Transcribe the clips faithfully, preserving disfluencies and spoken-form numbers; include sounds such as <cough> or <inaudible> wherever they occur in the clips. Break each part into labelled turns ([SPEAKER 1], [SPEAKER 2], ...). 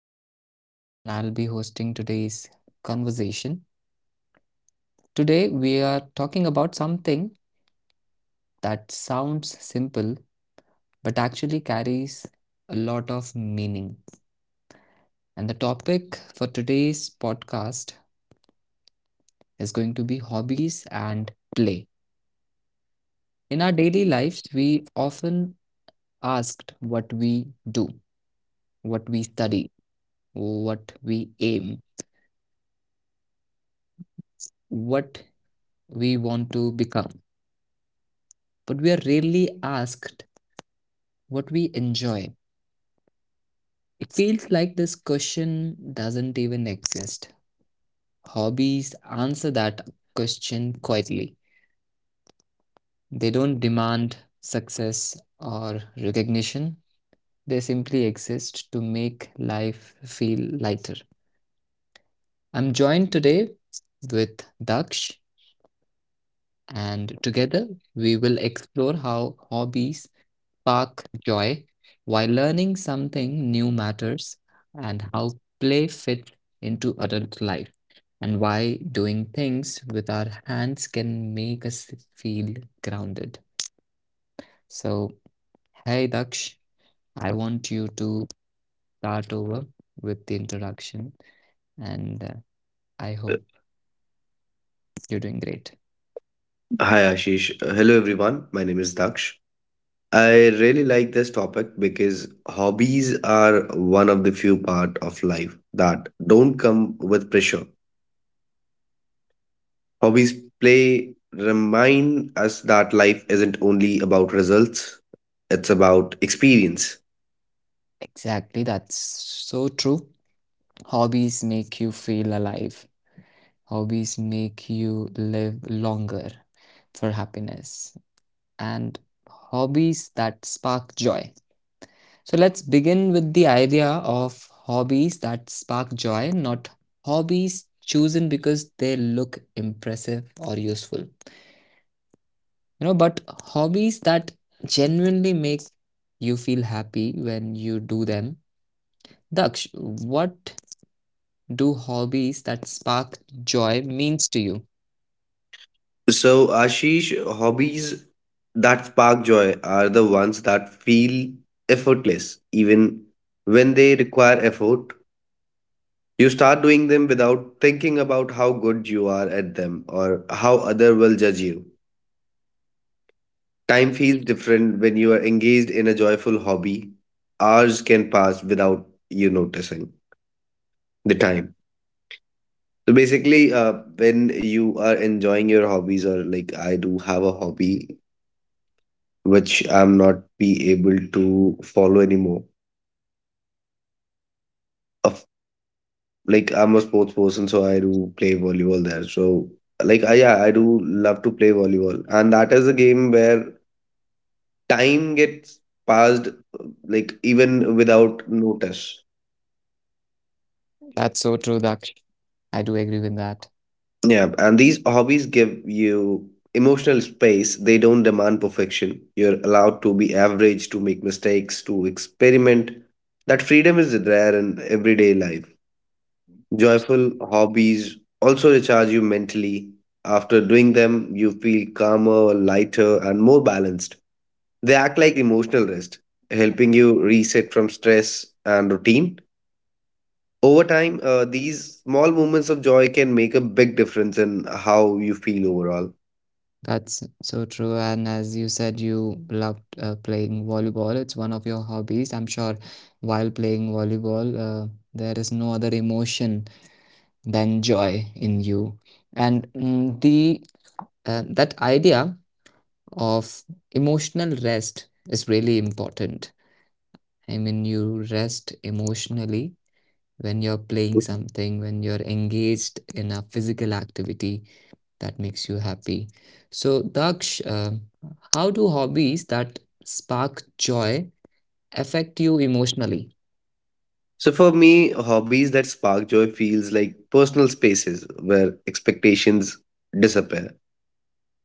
[SPEAKER 1] Ashish, and I'll be hosting today's conversation. Today, we are talking about something that sounds simple but actually carries a lot of meaning. And the topic for today's podcast is going to be hobbies and play. In our daily lives, we often asked what we do, what we study, what we aim, what we want to become, but we are rarely asked what we enjoy. It feels like this question doesn't even exist. Hobbies answer that question quietly. They don't demand success or recognition, they simply exist to make life feel lighter. I'm joined today with Daksh, and together we will explore how hobbies spark joy while learning something new matters and how play fits into adult life and why doing things with our hands can make us feel grounded. So, hey Daksh, I want you to start over with the introduction, and uh, I hope you're doing great.
[SPEAKER 2] Hi Ashish. Hello everyone. My name is Daksh. I really like this topic because hobbies are one of the few part of life that don't come with pressure. Hobbies play remind us that life isn't only about results, it's about experience.
[SPEAKER 1] Exactly, that's so true. Hobbies make you feel alive. Hobbies make you live longer for happiness and hobbies that spark joy. So let's begin with the idea of hobbies that spark joy, not hobbies chosen because they look impressive or useful. You know, but hobbies that genuinely make you feel happy when you do them. Daksh, what do hobbies that spark joy means to you?
[SPEAKER 2] So Ashish, hobbies that spark joy are the ones that feel effortless even when they require effort. You start doing them without thinking about how good you are at them or how other will judge you. Time feels different when you are engaged in a joyful hobby. Hours can pass without you noticing the time. So basically, uh, when you are enjoying your hobbies, or like I do have a hobby which I'm not be able to follow anymore. Of like I'm a sports person, so I do play volleyball there. So like I, yeah, I do love to play volleyball, and that is a game where time gets passed like even without notice.
[SPEAKER 1] That's so true, Daksh. I do agree with that.
[SPEAKER 2] Yeah, and these hobbies give you emotional space. They don't demand perfection. You're allowed to be average, to make mistakes, to experiment. That freedom is rare in everyday life. Joyful hobbies also recharge you mentally. After doing them, you feel calmer, lighter, and more balanced. They act like emotional rest, helping you reset from stress and routine. Over time, uh, these small moments of joy can make a big difference in how you feel overall.
[SPEAKER 1] That's so true. And as you said, you loved uh, playing volleyball. It's one of your hobbies. I'm sure while playing volleyball, uh, there is no other emotion than joy in you. And mm, the uh, that idea of emotional rest is really important. I mean, you rest emotionally when you're playing something, when you're engaged in a physical activity that makes you happy. So, Daksh, uh, how do hobbies that spark joy affect you emotionally?
[SPEAKER 2] So for me, hobbies that spark joy feels like personal spaces where expectations disappear.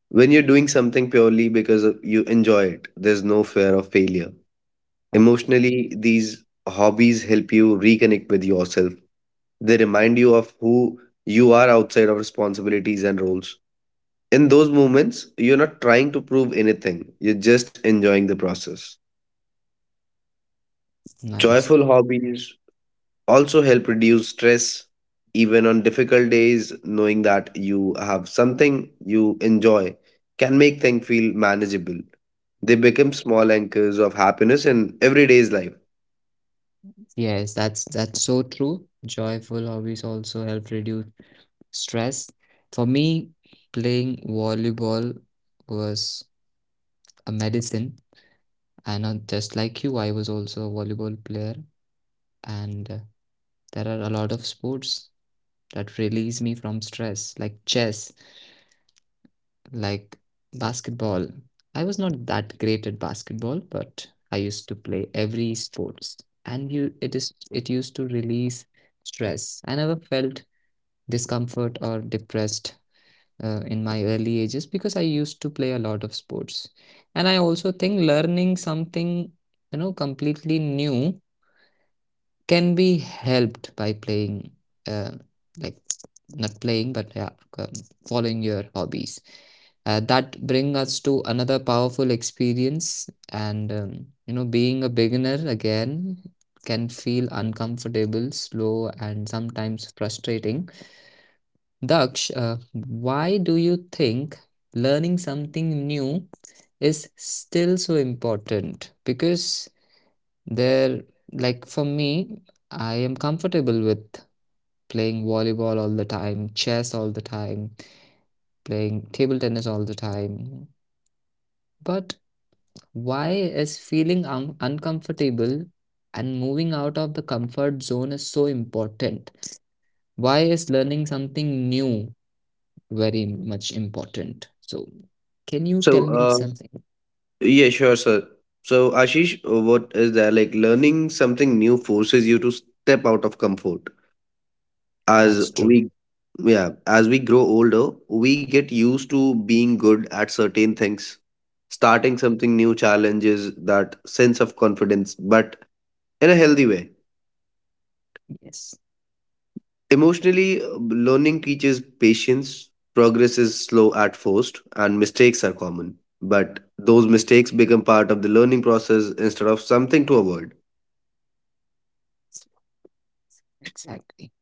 [SPEAKER 2] When you're doing something purely because of- you enjoy it, there's no fear of failure.
[SPEAKER 1] Wow,
[SPEAKER 2] Emotionally, these hobbies help you reconnect with yourself. They remind you of who you are outside of responsibilities and roles. In those moments, you're not trying to prove anything, you're just enjoying the process.
[SPEAKER 1] nice.
[SPEAKER 2] Joyful hobbies also help reduce stress. Even on difficult days, knowing that you have something you enjoy can make things feel manageable. They become small anchors of happiness in everyday's life.
[SPEAKER 1] Yes, that's that's so true. Joyful hobbies also help reduce stress. For me, playing volleyball was a medicine, and uh, just like you, I was also a volleyball player. And uh, there are a lot of sports that release me from stress, like chess. Like basketball. I was not that great at basketball, but I used to play every sports, and you it is it used to release stress. I never felt discomfort or depressed uh, in my early ages because I used to play a lot of sports. And I also think learning something, you know, completely new can be helped by playing, uh, like not playing but yeah, c- following your hobbies, uh, that bring us to another powerful experience. And um, you know being a beginner again can feel uncomfortable, slow, and sometimes frustrating. Daksh, uh, why do you think learning something new is still so important? Because there, like for me, I am comfortable with playing volleyball all the time, chess all the time, playing table tennis all the time. But why is feeling un uncomfortable and moving out of the comfort zone is so important? Why is learning something new very much important? So, can you tell
[SPEAKER 2] So,
[SPEAKER 1] me
[SPEAKER 2] uh,
[SPEAKER 1] something?
[SPEAKER 2] yeah, sure, sir. So, Ashish, what is there like learning something new forces you to step out of comfort? as
[SPEAKER 1] That's true.
[SPEAKER 2] we yeah, as we grow older we get used to being good at certain things. Starting something new challenges that sense of confidence, but in a healthy way.
[SPEAKER 1] Yes,
[SPEAKER 2] Emotionally, uh, learning teaches patience. Progress is slow at first and mistakes are common, but those mistakes become part of the learning process instead of something to avoid.
[SPEAKER 1] exactly.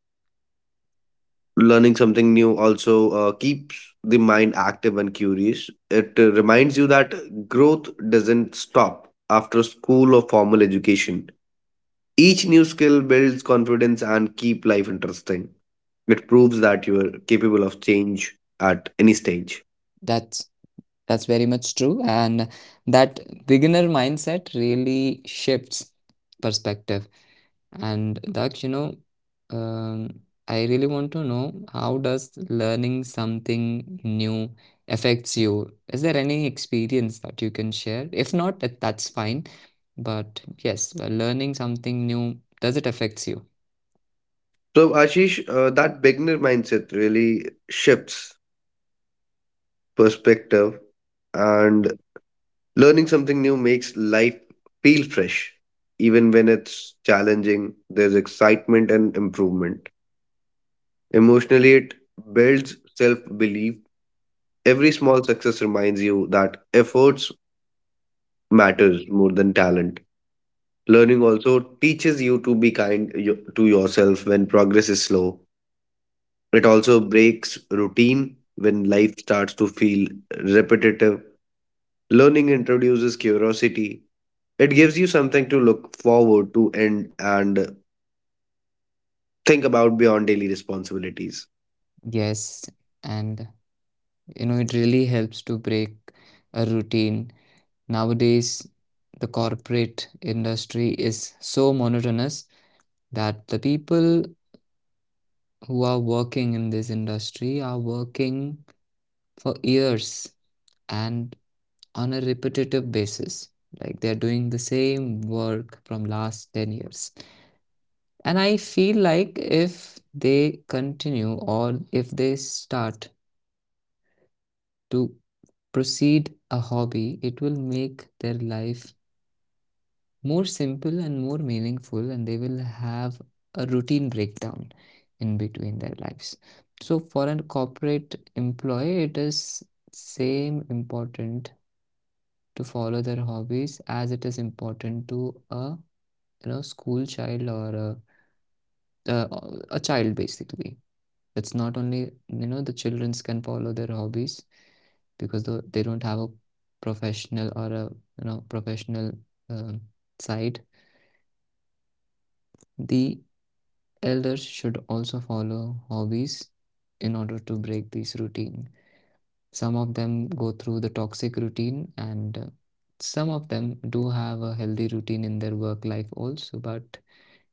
[SPEAKER 2] Learning something new also uh, keeps the mind active and curious. It uh, reminds you that growth doesn't stop after school or formal education. Each new skill builds confidence and keep life interesting. It proves that you are capable of change at any stage.
[SPEAKER 1] That's That's very much true. And that beginner mindset really shifts perspective. And Daksh, you know, um, I really want to know how does learning something new affects you? Is there any experience that you can share? If not, that, that's fine. But yes, uh, learning something new, does it affects you?
[SPEAKER 2] So Ashish, uh, that beginner mindset really shifts perspective, and learning something new makes life feel fresh. Even when it's challenging, there's excitement and improvement. Emotionally, it builds self belief. Every small success reminds you that efforts matters more than talent. Learning also teaches you to be kind yo- to yourself when progress is slow. It also breaks routine when life starts to feel repetitive. Learning introduces curiosity. It gives you something to look forward to and and think about beyond daily responsibilities.
[SPEAKER 1] Yes. And, you know, it really helps to break a routine. Nowadays, the corporate industry is so monotonous that the people who are working in this industry are working for years and on a repetitive basis. Like they're doing the same work from last ten years. And I feel like if they continue or if they start to proceed a hobby, it will make their life more simple and more meaningful, and they will have a routine breakdown in between their lives. So for a corporate employee, it is same important to follow their hobbies as it is important to a you know school child, or a, a, a child basically. It's not only you know the childrens can follow their hobbies because tho- they don't have a professional, or a you know professional, um, side. The elders should also follow hobbies in order to break this routine. Some of them go through the toxic routine, and uh, some of them do have a healthy routine in their work life also, but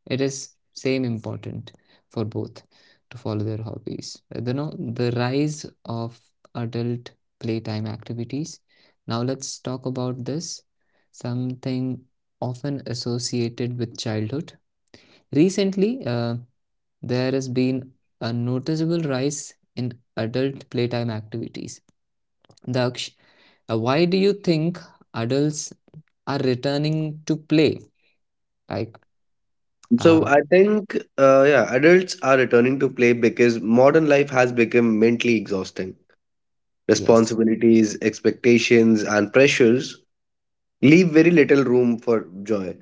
[SPEAKER 1] it is same important for both to follow their hobbies. Uh, You know, the rise of adult playtime activities. Now let's talk about this, something often associated with childhood. Recently, uh, there has been a noticeable rise in adult playtime activities. Daksh, uh, why do you think adults are returning to play? Like, uh,
[SPEAKER 2] So I think uh, yeah, adults are returning to play because modern life has become mentally exhausting.
[SPEAKER 1] yes,
[SPEAKER 2] Responsibilities, expectations, and pressures leave very little room for joy.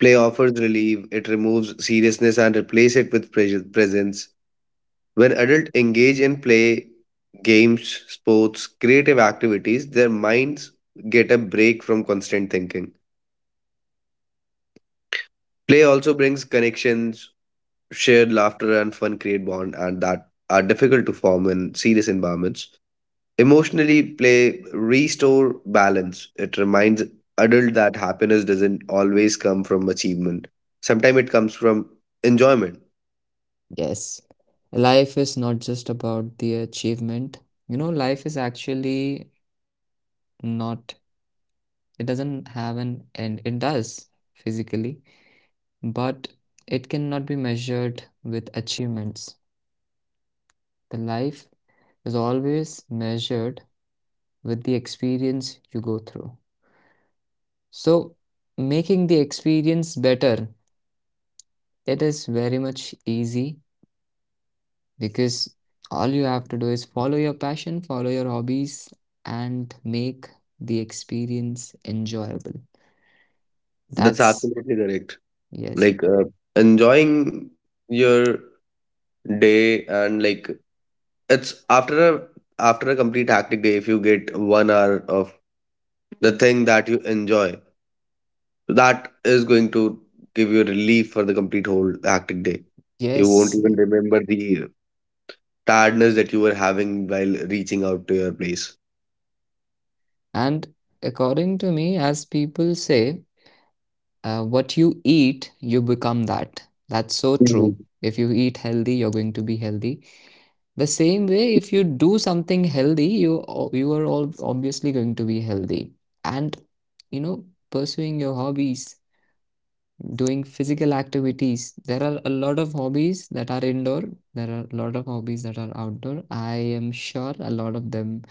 [SPEAKER 2] Play offers relief, it removes seriousness and replace it with pres- presence. When adults engage in play, games, sports, creative activities, their minds get a break from constant thinking. Play also brings connections, shared laughter, and fun create bond, and that are difficult to form in serious environments. Emotionally, play restore balance. It reminds adult that happiness doesn't always come from achievement. Sometimes it comes from enjoyment.
[SPEAKER 1] yes. Life is not just about the achievement. You know, life is actually not, it doesn't have an end. It does physically, but it cannot be measured with achievements. The life is always measured with the experience you go through. So, making the experience better, that is very much easy because all you have to do is follow your passion, follow your hobbies, and make the experience enjoyable.
[SPEAKER 2] That's
[SPEAKER 1] That's
[SPEAKER 2] absolutely correct.
[SPEAKER 1] yes,
[SPEAKER 2] Like uh, enjoying your day, and like it's after a after a complete hectic day, if you get one hour of the thing that you enjoy. That is going to give you relief for the complete whole hectic day. You won't
[SPEAKER 1] yes.
[SPEAKER 2] even remember the tiredness that you were having while reaching out to your place.
[SPEAKER 1] And according to me, as people say, uh, what you eat, you become that. That's so
[SPEAKER 2] Mhm.
[SPEAKER 1] true. If you eat healthy, you're going to be healthy. The same way, if you do something healthy, you you are all obviously going to be healthy. And you know, pursuing your hobbies, doing physical activities. There are a lot of hobbies that are indoor. There are a lot of hobbies that are outdoor. I am sure a lot of them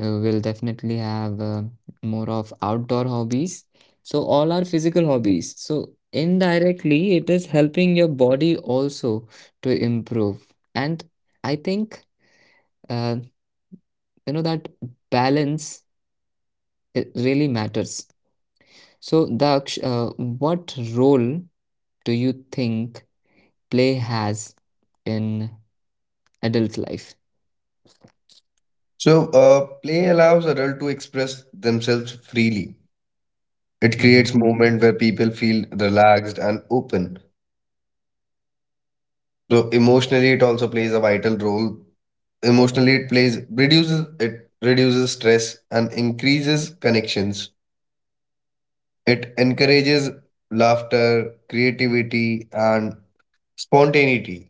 [SPEAKER 1] uh, will definitely have uh, more of outdoor hobbies. So all are physical hobbies. So indirectly, it is helping your body also to improve. And I think. Uh, you know that balance, it really matters. So Daksh, uh, what role do you think play has in adult life?
[SPEAKER 2] So, uh, play allows adults to express themselves freely. It
[SPEAKER 1] Hmm,
[SPEAKER 2] creates moment where people feel relaxed and open. So, emotionally, it also plays a vital role. Emotionally, it plays reduces it reduces stress and increases connections. It encourages laughter, creativity, and spontaneity.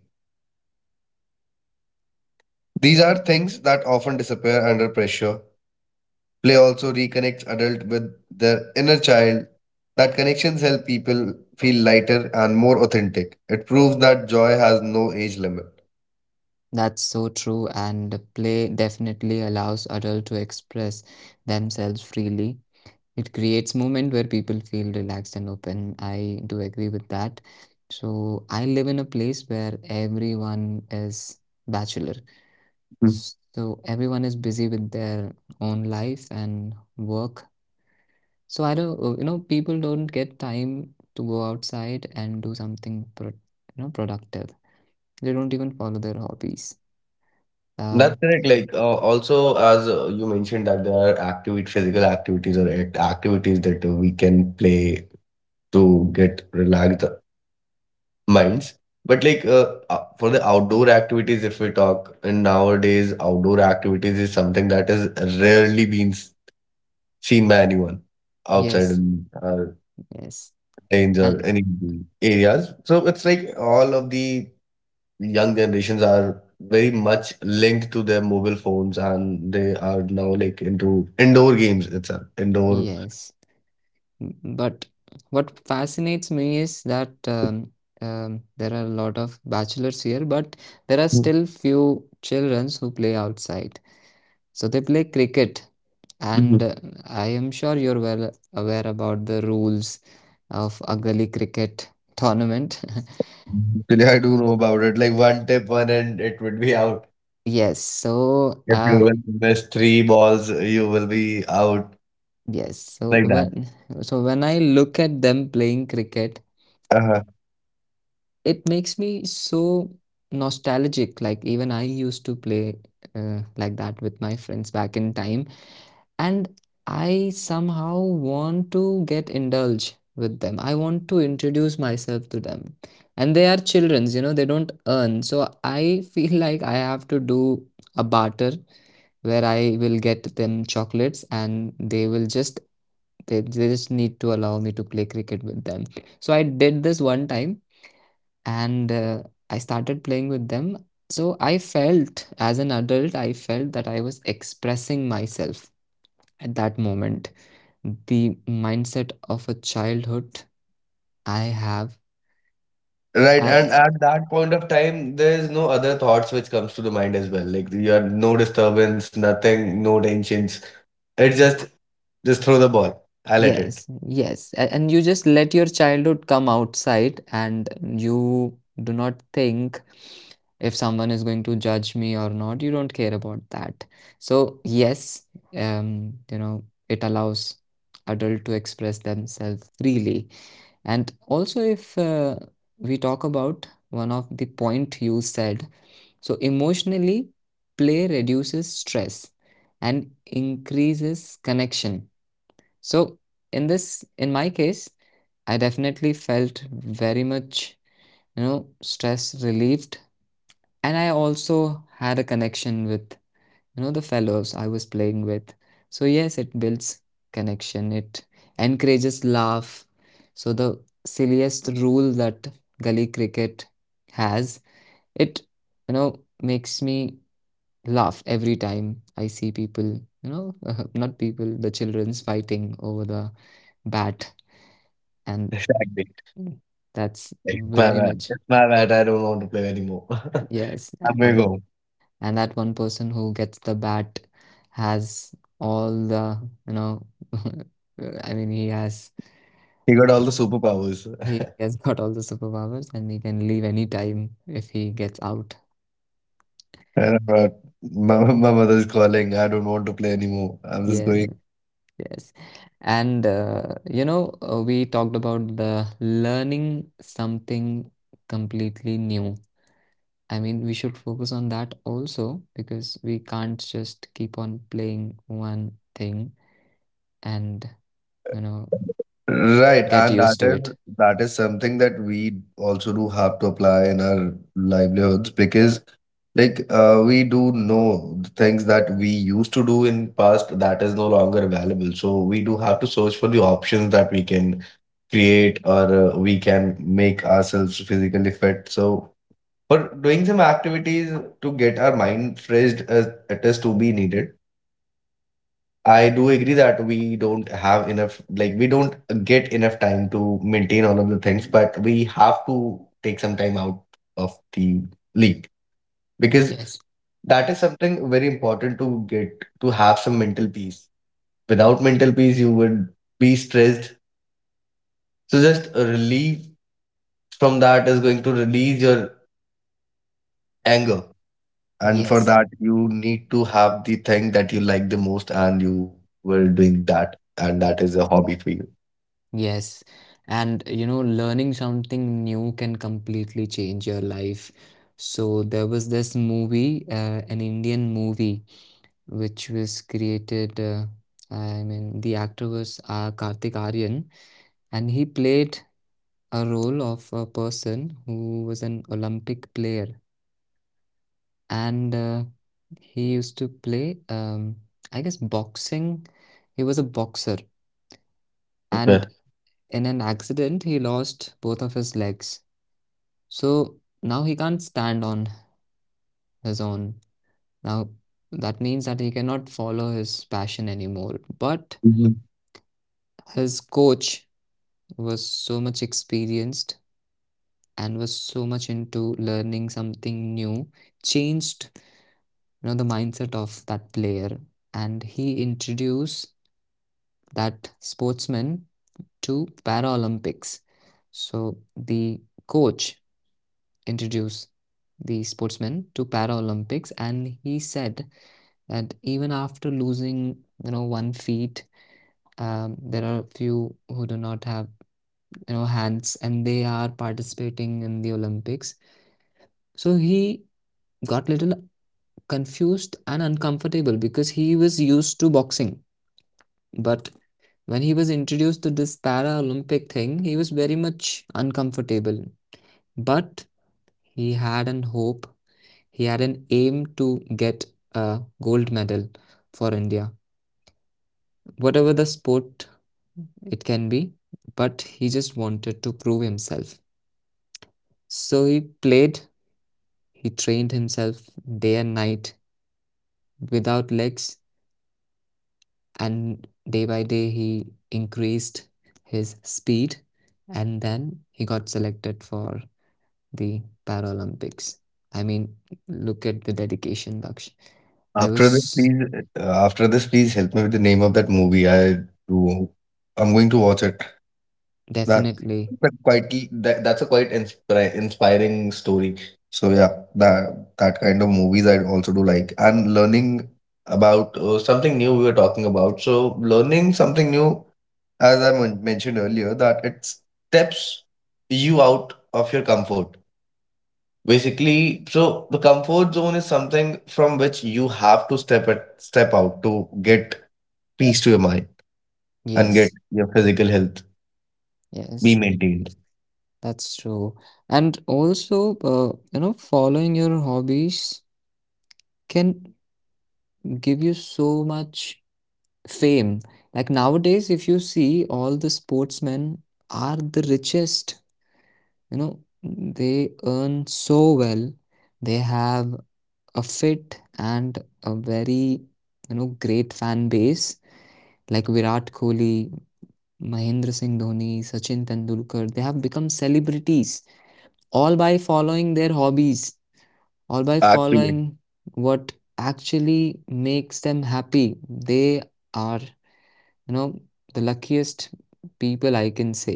[SPEAKER 2] These are things that often disappear under pressure. Play also reconnects adult with their inner child. That connections help people feel lighter and more authentic. It proves that joy has no age limit.
[SPEAKER 1] that's so true, and play definitely allows adult to express themselves freely. It creates moment where people feel relaxed and open. I do agree with that. So I live in a place where everyone is bachelor.
[SPEAKER 2] Mm.
[SPEAKER 1] So everyone is busy with their own life and work. So I don't, uh, you know, people don't get time to go outside and do something, pro- you know, productive. They don't even follow their hobbies. Um,
[SPEAKER 2] That's correct. Like uh, also, as uh, you mentioned that there are activity, physical activities or act- activities that uh, we can play to get relaxed minds. But like uh, uh, for the outdoor activities, if we talk, and nowadays outdoor activities is something that is rarely being s- seen by anyone outside
[SPEAKER 1] yes,
[SPEAKER 2] in uh,
[SPEAKER 1] yes,
[SPEAKER 2] lanes or
[SPEAKER 1] and
[SPEAKER 2] any areas. So it's like all of the young generations are very much linked to their mobile phones, and they are now like into indoor games itself, indoor.
[SPEAKER 1] yes. M- But what fascinates me is that, um, um, there are a lot of bachelors here, but there are still few children who play outside. So they play cricket, and
[SPEAKER 2] Mhm.
[SPEAKER 1] uh, I am sure you're well aware about the rules of a gully cricket tournament. <laughs>
[SPEAKER 2] Actually, I <laughs> do know about it. Like one tip, one and it would be out.
[SPEAKER 1] Yes, so
[SPEAKER 2] If
[SPEAKER 1] uh,
[SPEAKER 2] you will miss three balls, you will be out
[SPEAKER 1] yes, so
[SPEAKER 2] like that.
[SPEAKER 1] when so when I look at them playing cricket,
[SPEAKER 2] Uh-huh.
[SPEAKER 1] it makes me so nostalgic. Like even I used to play uh, like that with my friends back in time, and I somehow want to get indulged with them. I want to introduce myself to them, and they are children, you know they don't earn, so I <laughs> feel like I have to do a barter where I will get them chocolates, and they will just they, they just need to allow me to play cricket with them. So I did this one time, and uh, I started playing with them. So I felt, as an adult, I felt that I was expressing myself at that moment, the mindset of a childhood I have.
[SPEAKER 2] Right, and
[SPEAKER 1] I
[SPEAKER 2] at that point of time, there is no other thoughts which comes to the mind as well. Like you are no disturbance, nothing, no tensions. It's just just throw the ball. I'll let it.
[SPEAKER 1] yes, yes, a- and you just let your childhood come outside, and you do not think if someone is going to judge me or not. You don't care about that. So yes, um, you know, it allows adult to express themselves freely. And also, if uh, we talk about one of the point you said, so emotionally, play reduces stress and increases connection. So in this, in my case, I definitely felt very much, you know, stress relieved, and I also had a connection with you know the fellows I was playing with. So yes, it builds connection, it encourages laugh. So the silliest rule that gully cricket has, it you know makes me laugh every time I see people you know <laughs> not people, the children's fighting over the bat, and
[SPEAKER 2] Exactly.
[SPEAKER 1] that's
[SPEAKER 2] Like, my
[SPEAKER 1] very
[SPEAKER 2] bad.
[SPEAKER 1] much
[SPEAKER 2] It's my bad. I don't want to play anymore. <laughs>
[SPEAKER 1] yes.
[SPEAKER 2] I'm going
[SPEAKER 1] And
[SPEAKER 2] home.
[SPEAKER 1] and that one person who gets the bat has all the you know <laughs> I mean, he has
[SPEAKER 2] He got all the superpowers.
[SPEAKER 1] he
[SPEAKER 2] <laughs>
[SPEAKER 1] has got all the superpowers, and he can leave any time if he gets out.
[SPEAKER 2] And, uh, my, my mother is calling. I don't want to play anymore. I'm just
[SPEAKER 1] Yeah,
[SPEAKER 2] going.
[SPEAKER 1] yes. And uh, you know, uh, we talked about the learning something completely new. I mean, we should focus on that also because we can't just keep on playing one thing and, you know,
[SPEAKER 2] Right,
[SPEAKER 1] get
[SPEAKER 2] and
[SPEAKER 1] used
[SPEAKER 2] that
[SPEAKER 1] to
[SPEAKER 2] is
[SPEAKER 1] it.
[SPEAKER 2] that is something that we also do have to apply in our livelihoods because like uh, we do know the things that we used to do in past that is no longer available. So we do have to search for the options that we can create or uh, we can make ourselves physically fit. So for doing some activities to get our mind fresh as it is to be needed. I do agree that we don't have enough, like, we don't get enough time to maintain all of the things, but we have to take some time out of the league because
[SPEAKER 1] Yes.
[SPEAKER 2] that is something very important to get to have some mental peace. Without mental peace, you would be stressed. So, just a relief from that is going to release your anger. And for
[SPEAKER 1] Yes,
[SPEAKER 2] that, you need to have the thing that you like the most, and you were doing that. And that is a hobby for you.
[SPEAKER 1] yes. And you know, learning something new can completely change your life. So there was this movie, uh, an Indian movie, which was created. Uh, I mean, the actor was uh, Kartik Aryan, and he played a role of a person who was an Olympic player, and uh, he used to play, um, I guess, boxing. He was a boxer, and
[SPEAKER 2] Okay.
[SPEAKER 1] in an accident, he lost both of his legs. So now he can't stand on his own. Now that means that he cannot follow his passion anymore. But his coach was so much experienced and was so much into learning something new, changed you know the mindset of that player, and he introduced that sportsman to Paralympics. So the coach introduce the sportsman to Paralympics, and he said that even after losing, you know, one feet, um, there are a few who do not have, you know, hands, and they are participating in the Olympics. So he got little confused and uncomfortable because he was used to boxing, but when he was introduced to this Paralympic thing, he was very much uncomfortable. But he had an hope. He had an aim to get a gold medal for India, whatever the sport it can be, but he just wanted to prove himself. So he played, he trained himself day and night without legs, and day by day he increased his speed, and then he got selected for the Paralympics. I mean, look at the dedication, Daksh. I
[SPEAKER 2] After this,
[SPEAKER 1] was
[SPEAKER 2] please, uh, after this, please help me with the name of that movie. I do. I'm going to watch it. That,
[SPEAKER 1] definitely,
[SPEAKER 2] that quite that, that's a quite inspira inspiring story. So yeah, that that kind of movies I also do like. And learning about uh, something new we were talking about. So learning something new, as I men- mentioned earlier, that it steps you out of your comfort. Basically, so the comfort zone is something from which you have to step it, step out to get peace to your mind and
[SPEAKER 1] yes.
[SPEAKER 2] get your physical health
[SPEAKER 1] Yes,
[SPEAKER 2] be maintained.
[SPEAKER 1] that's true. And also, uh, you know, following your hobbies can give you so much fame. Like nowadays, if you see, all the sportsmen are the richest. You know, they earn so well. They have a fit and a very, you know, great fan base. Like Virat Kohli, Mahendra Singh Dhoni, Sachin Tendulkar, they have become celebrities all by following their hobbies, all by
[SPEAKER 2] Actually,
[SPEAKER 1] following what actually makes them happy. They are, you know, the luckiest people I can say.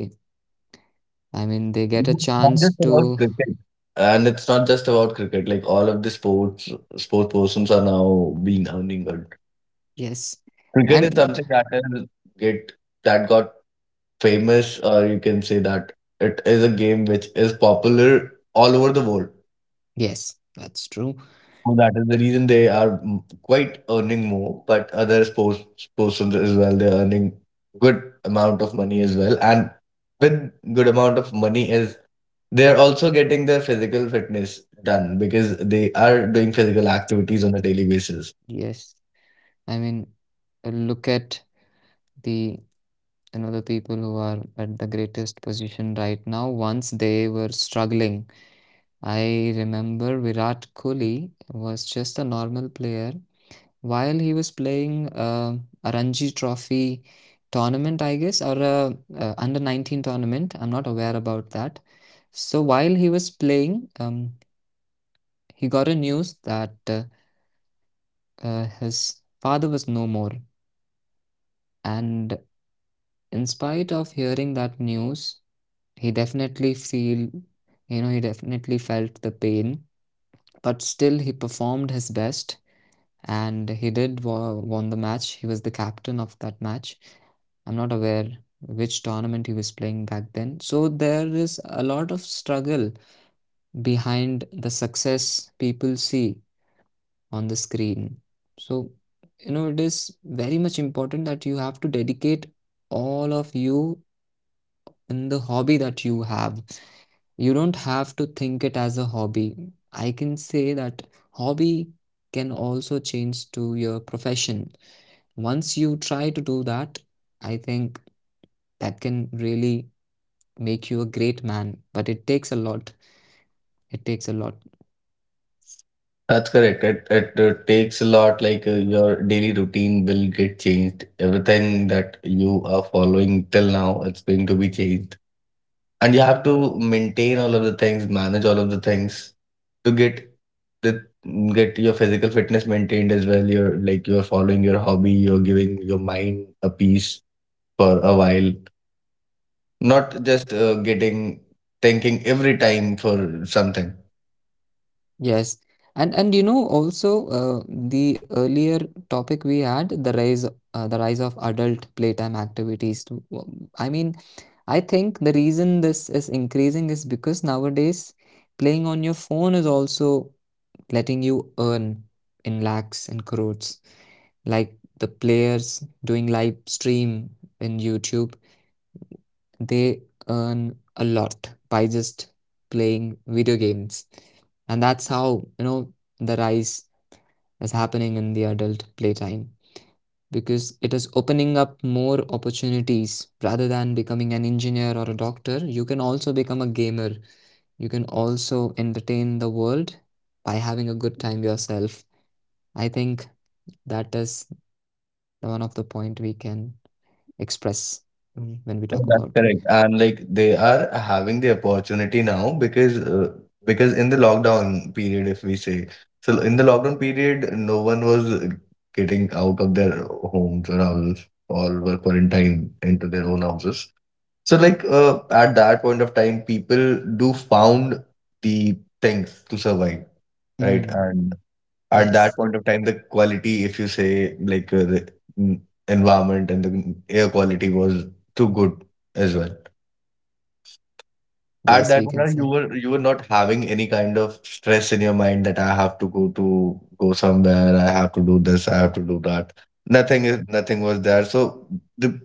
[SPEAKER 1] I mean, they get a
[SPEAKER 2] it's not
[SPEAKER 1] chance
[SPEAKER 2] just
[SPEAKER 1] to,
[SPEAKER 2] about cricket, and it's not just about cricket. Like all of the sports sports persons are now being earning good.
[SPEAKER 1] yes,
[SPEAKER 2] Cricket is
[SPEAKER 1] and
[SPEAKER 2] something that will get that got famous, or you can say that it is a game which is popular all over the world.
[SPEAKER 1] yes, that's true.
[SPEAKER 2] So that is the reason they are mm, quite earning more, but other sports persons as well, they're earning good amount of money as well. And with good amount of money is they're also getting their physical fitness done because they are doing physical activities on a daily basis.
[SPEAKER 1] Yes, I mean, look at the you know the people who are at the greatest position right now once they were struggling. I remember Virat Kohli was just a normal player while he was playing uh, a Ranji Trophy tournament, I guess, or a uh, under nineteen tournament. I'm not aware about that. So while he was playing, um, he got a news that uh, uh, his father was no more, and in spite of hearing that news, he definitely feel, you know, he definitely felt the pain. But still, he performed his best and he did wa- won the match. He was the captain of that match. I'm not aware which tournament he was playing back then. So there is a lot of struggle behind the success people see on the screen. So, you know, it is very much important that you have to dedicate all of you in the hobby that you have. You don't have to think it as a hobby. I can say that hobby can also change to your profession once you try to do that, I think that can really make you a great man, but it takes a lot. It takes a lot.
[SPEAKER 2] That's correct. It, it, uh, takes a lot, like uh, your daily routine will get changed. Everything that you are following till now, it's going to be changed. And you have to maintain all of the things, manage all of the things to get the get your physical fitness maintained as well. You're like you're following your hobby, you're giving your mind a peace for a while, not just uh, getting thinking every time for something.
[SPEAKER 1] Yes. And and you know also uh, the earlier topic we had the rise uh, the rise of adult playtime activities. to- w- I mean, I think the reason this is increasing is because nowadays playing on your phone is also letting you earn in lakhs and crores. Like the players doing live stream in YouTube, they earn a lot by just playing video games. And that's how, you know, the rise is happening in the adult playtime because it is opening up more opportunities rather than becoming an engineer or a doctor. You can also become a gamer. You can also entertain the world by having a good time yourself. I think that is one of the point we can express, mm, when we talk about
[SPEAKER 2] That's correct. And like they are having the opportunity now because uh, because in the lockdown period, if we say, so in the lockdown period, no one was getting out of their homes or houses. All were quarantined into their own houses. So like uh, at that point of time, people do found the things to survive,
[SPEAKER 1] mm,
[SPEAKER 2] right? And at
[SPEAKER 1] yes.
[SPEAKER 2] that point of time, the quality, if you say, like uh, the mm, environment and the mm, air quality was too good as well.
[SPEAKER 1] Yes, we
[SPEAKER 2] At that
[SPEAKER 1] can say.
[SPEAKER 2] moment, you were you were not having any kind of stress in your mind that I have to go to go somewhere, I have to do this, I have to do that. Nothing is nothing was there. So the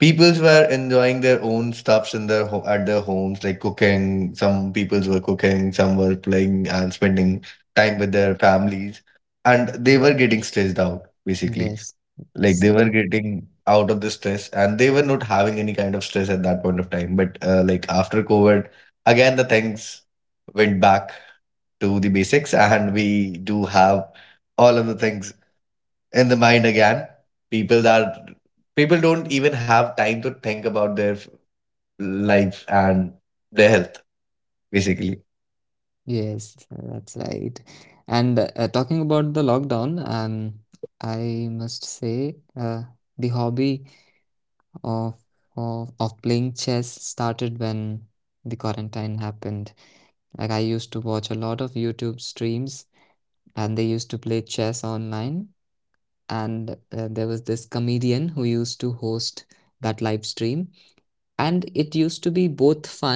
[SPEAKER 2] peoples were enjoying their own stuffs in their ho at their homes, like cooking. Some peoples were cooking, some were playing and spending time with their families, and they were getting stressed out basically.
[SPEAKER 1] Yes. Yes,
[SPEAKER 2] Like
[SPEAKER 1] uh,
[SPEAKER 2] they were getting out of the stress and they were not having any kind of stress at that point of time. But uh, like after COVID, again, the things went back to the basics and we do have all of the things in the mind again. People that People don't even have time to think about their f- life and their health, basically.
[SPEAKER 1] yes, that's right. And, uh, talking about the lockdown, um, I must say, uh, the hobby of of of playing chess started when the quarantine happened. Like, I used to watch a lot of YouTube streams, and they used to play chess online, and, uh, there was this comedian who used to host that live stream. And it used to be both fun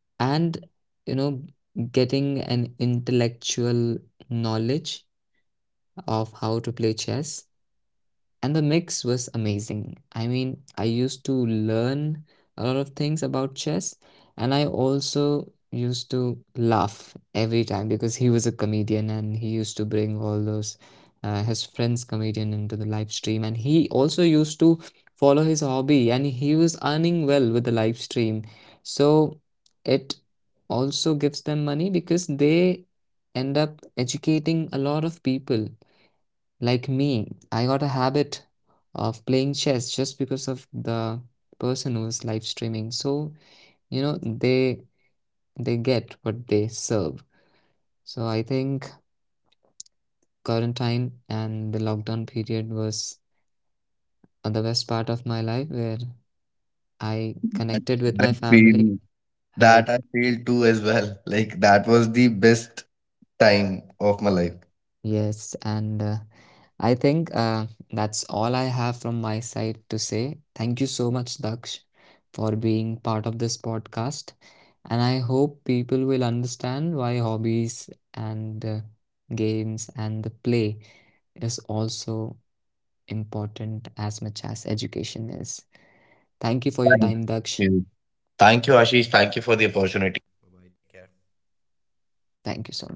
[SPEAKER 1] and you know getting an intellectual knowledge of how to play chess and the mix was amazing. I mean, I used to learn a lot of things about chess, and I also used to laugh every time because he was a comedian and he used to bring all those uh, his friends comedian into the live stream, and he also used to follow his hobby, and he was earning well with the live stream, so it also gives them money because they end up educating a lot of people like me, I got a habit of playing chess just because of the person who is live streaming. So, you know, they they get what they serve. So I think quarantine and the lockdown period was uh, the best part of my life where I connected
[SPEAKER 2] And
[SPEAKER 1] with my
[SPEAKER 2] I
[SPEAKER 1] family.
[SPEAKER 2] feel
[SPEAKER 1] I
[SPEAKER 2] that I feel too as well. Like that was the best time of my life.
[SPEAKER 1] yes, and uh, I think uh, that's all I have from my side to say. Thank you so much, Daksh, for being part of this podcast. And I hope people will understand why hobbies and uh, games and the play is also important as much as education is. Thank you for your time,
[SPEAKER 2] Thank
[SPEAKER 1] Daksh.
[SPEAKER 2] you. Thank you, Ashish. Thank you for the opportunity.
[SPEAKER 1] Thank you so much.